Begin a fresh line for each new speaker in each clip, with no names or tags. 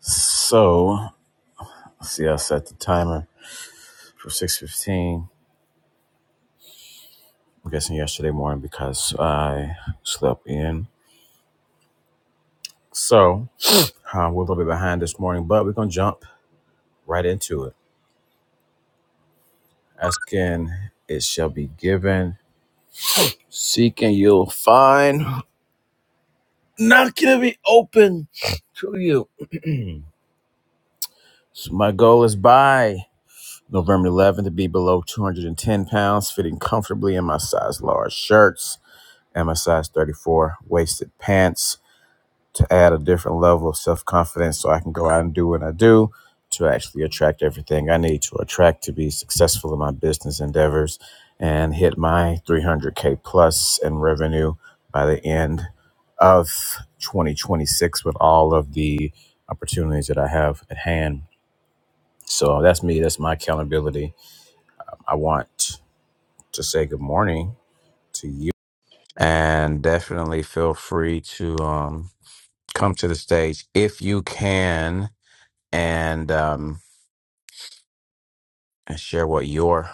So, see, I set the timer for 6.15. I'm guessing yesterday morning because I slept in. So, uh, we're a little bit behind this morning, but we're going to jump right into it. Asking, it shall be given. Seeking, you'll find. Knocking, it'll be open to you. so, my goal is by November 11th to be below 210 pounds, fitting comfortably in my size large shirts and my size 34 waisted pants to add a different level of self confidence so I can go out and do what I do to actually attract everything I need to attract to be successful in my business endeavors and hit my 300K plus in revenue by the end of 2026 with all of the opportunities that I have at hand. So that's me, that's my accountability. I want to say good morning to you and definitely feel free to um, come to the stage if you can and um, and share what your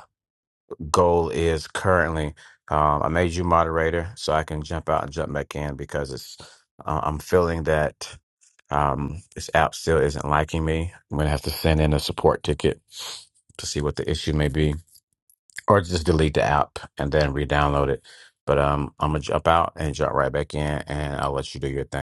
goal is currently. Um, I made you moderator so I can jump out and jump back in because it's uh, I'm feeling that um, this app still isn't liking me. I'm gonna have to send in a support ticket to see what the issue may be, or just delete the app and then re-download it. But um, I'm gonna jump out and jump right back in, and I'll let you do your thing.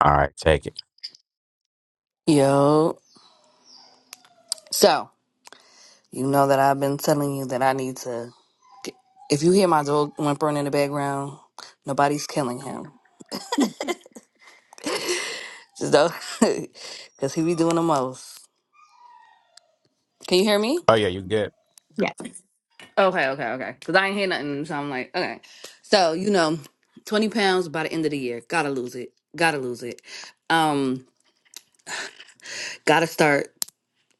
All right, take it.
Yo. So, you know that I've been telling you that I need to. Get, If you hear my dog whimpering in the background, nobody's killing him. Just though, because he be doing the most. Can you hear me?
Oh yeah, you good?
Yes.
Okay, okay, okay. Because I ain't hear nothing, so I'm like, okay. So, you know, 20 pounds by the end of the year. Gotta lose it. Gotta lose it. Um, gotta start.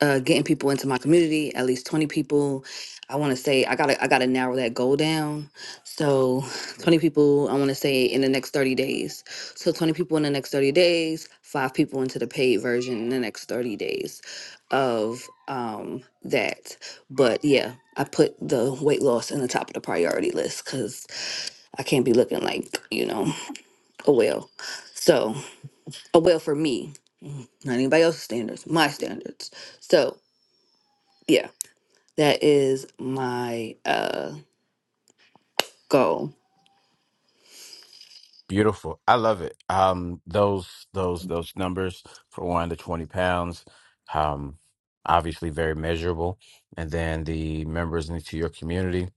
uh, getting people into my community, at least 20 people. I want to say I gotta I gotta narrow that goal down. So 20 people I want to say in the next 30 days. So 20 people in the next 30 days, five people into the paid version in the next 30 days of um that. But yeah, I put the weight loss in the top of the priority list because I can't be looking like, you know, a whale. So a whale for me. Mm-hmm. Not anybody else's standards, my standards. So yeah that is my uh goal.
Beautiful. I love it. Um, those those those numbers for one to twenty pounds, um, obviously very measurable. And then the members into your community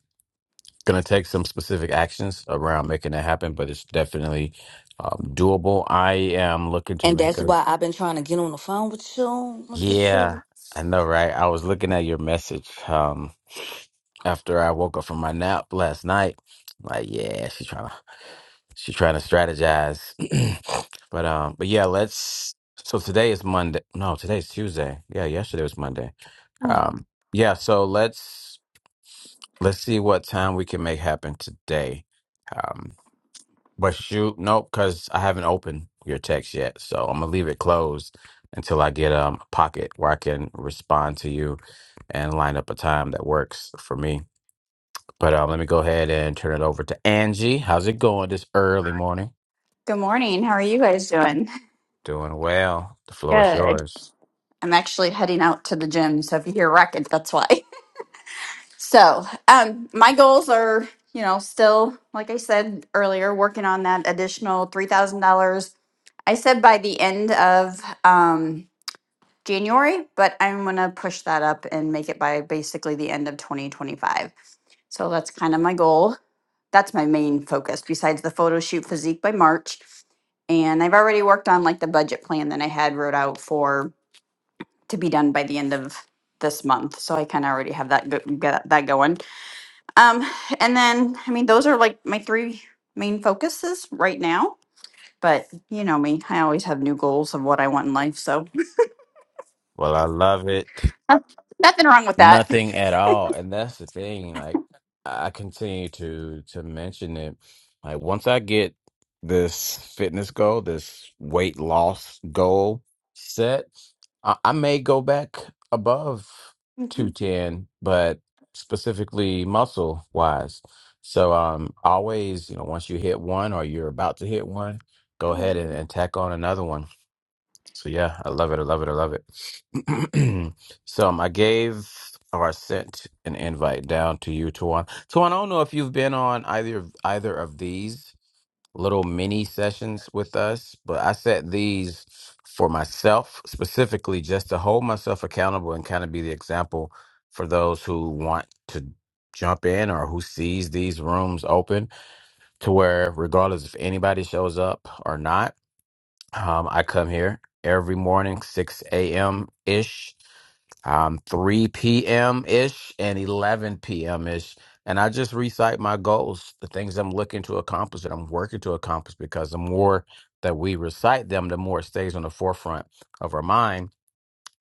going to take some specific actions around making that happen, but it's definitely um, doable. I am looking to
And
make
that's
a
why I've been trying to get on the phone with you, Mr.
yeah,
Shoe.
I know, right? I was looking at your message um after I woke up from my nap last night. Like, yeah, she's trying to she's trying to strategize. But um but yeah, let's so today is Monday. No, today's Tuesday. Yeah, yesterday was Monday. Um yeah, so let's let's see what time we can make happen today. Um, but shoot, nope, because I haven't opened your text yet. So I'm gonna leave it closed until I get um a pocket where I can respond to you and line up a time that works for me. But um, let me go ahead and turn it over to Angie. How's it going this early morning?
Good morning. How are you guys doing?
Doing well. The floor is
Good.
yours.
I'm actually heading out to the gym, so if you hear racket, that's why. So, um, my goals are, you know, still, like I said earlier, working on that additional three thousand dollars. I said by the end of um, January, but I'm gonna push that up and make it by basically the end of 2025. So that's kind of my goal. that's my main focus besides the photo shoot physique by March. And I've already worked on like the budget plan that I had wrote out for to be done by the end of this month. So I kind of already have that go- get that going. Um, and then I mean those are like my three main focuses right now. But you know me, I always have new goals of what I want in life. So
Well, I love it.
Uh, nothing wrong with that.
Nothing at all. And that's the thing. Like I continue to to mention it. Like once I get this fitness goal, this weight loss goal set, I, I may go back above
Mhm.
210, but specifically muscle wise. So um always, you know, once you hit one or you're about to hit one, go
Oh, yeah.
ahead and, and tack on another one. So yeah, I love it. I love it. I love it. so um, I gave or I sent an invite down to you, Tawan. Tawan, I don't know if you've been on either of- either of these little mini sessions with us, but I set these for myself specifically just to hold myself accountable and kind of be the example for those who want to jump in or who sees these rooms open to where regardless if anybody shows up or not um, I come here every morning, 6 a.m. ish, um, 3 p.m. ish, and 11 p.m. ish. And I just recite my goals, the things I'm looking to accomplish that I'm working to accomplish, because the more that we recite them, the more it stays on the forefront of our mind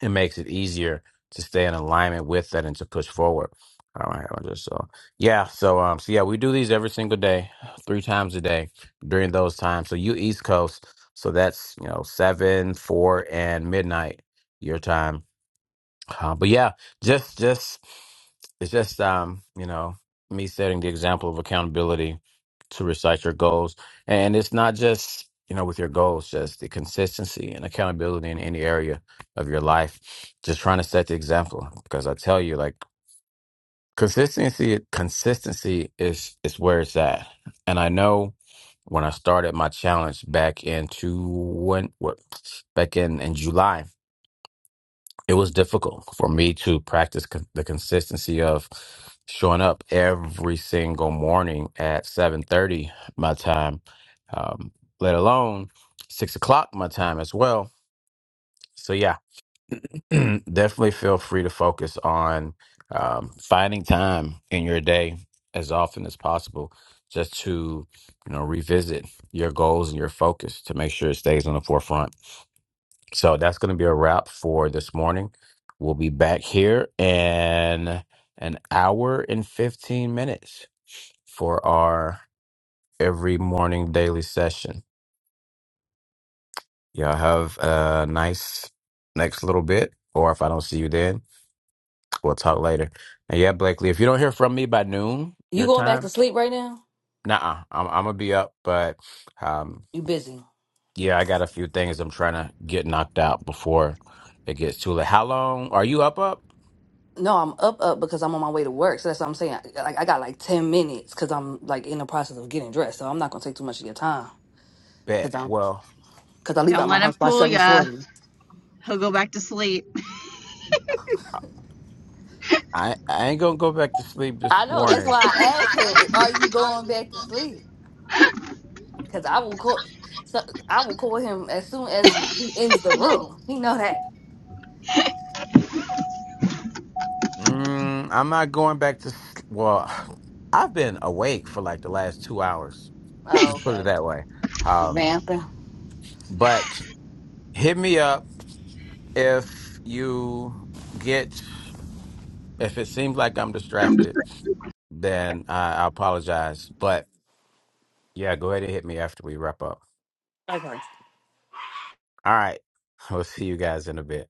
it makes it easier to stay in alignment with that and to push forward. All right, I just so yeah, so um, so yeah, we do these every single day, three times a day during those times. So you East Coast, so that's you know seven, four, and midnight your time. Uh, but yeah, just just it's just um, you know, me setting the example of accountability to recite your goals. And it's not just, you know, with your goals, just the consistency and accountability in any area of your life. Just trying to set the example because I tell you like consistency consistency is is where it's at. And I know when I started my challenge back in two when what back in in July it was difficult for me to practice con- the consistency of showing up every single morning at 7.30 my time um, let alone 6 o'clock my time as well so yeah definitely feel free to focus on um, finding time in your day as often as possible just to you know revisit your goals and your focus to make sure it stays on the forefront so that's going to be a wrap for this morning. We'll be back here in an hour and 15 minutes for our every morning daily session. Y'all have a nice next little bit, or if I don't see you then, we'll talk later. And yeah, Blakely, if you don't hear from me by noon,
You
your
going back to
time,
sleep right now?
nah, I'm, I'm going to be up. But um,
You busy?
yeah, I got a few things I'm trying to get knocked out before it gets too late. How long are you up? Up?
No, I'm up, up because I'm on my way to work. So that's what I'm saying. Like I got like ten minutes because I'm like in the process of getting dressed. So I'm not gonna take too much of your time
Bet.
because I'm
Well,
because I leave
Don't
out my
let him
house by
fool
seven
ya.
forty.
He'll go back.
I I ain't gonna go back to sleep this
I know. That's
morning.
why I asked him, "Are you going back to sleep?" Because I will call. So I will call him as soon as he ends the room. He know that.
Mm, I'm not going back to. s- Well, I've been awake for like the last two hours.
Oh,
Just put it
okay,
that way. Um,
vamping.
but hit me up if you get if it seems like I'm distracted. Then I, I apologize. But yeah, go ahead and hit me after we wrap up.
Okay.
All right, we'll see you guys in a bit.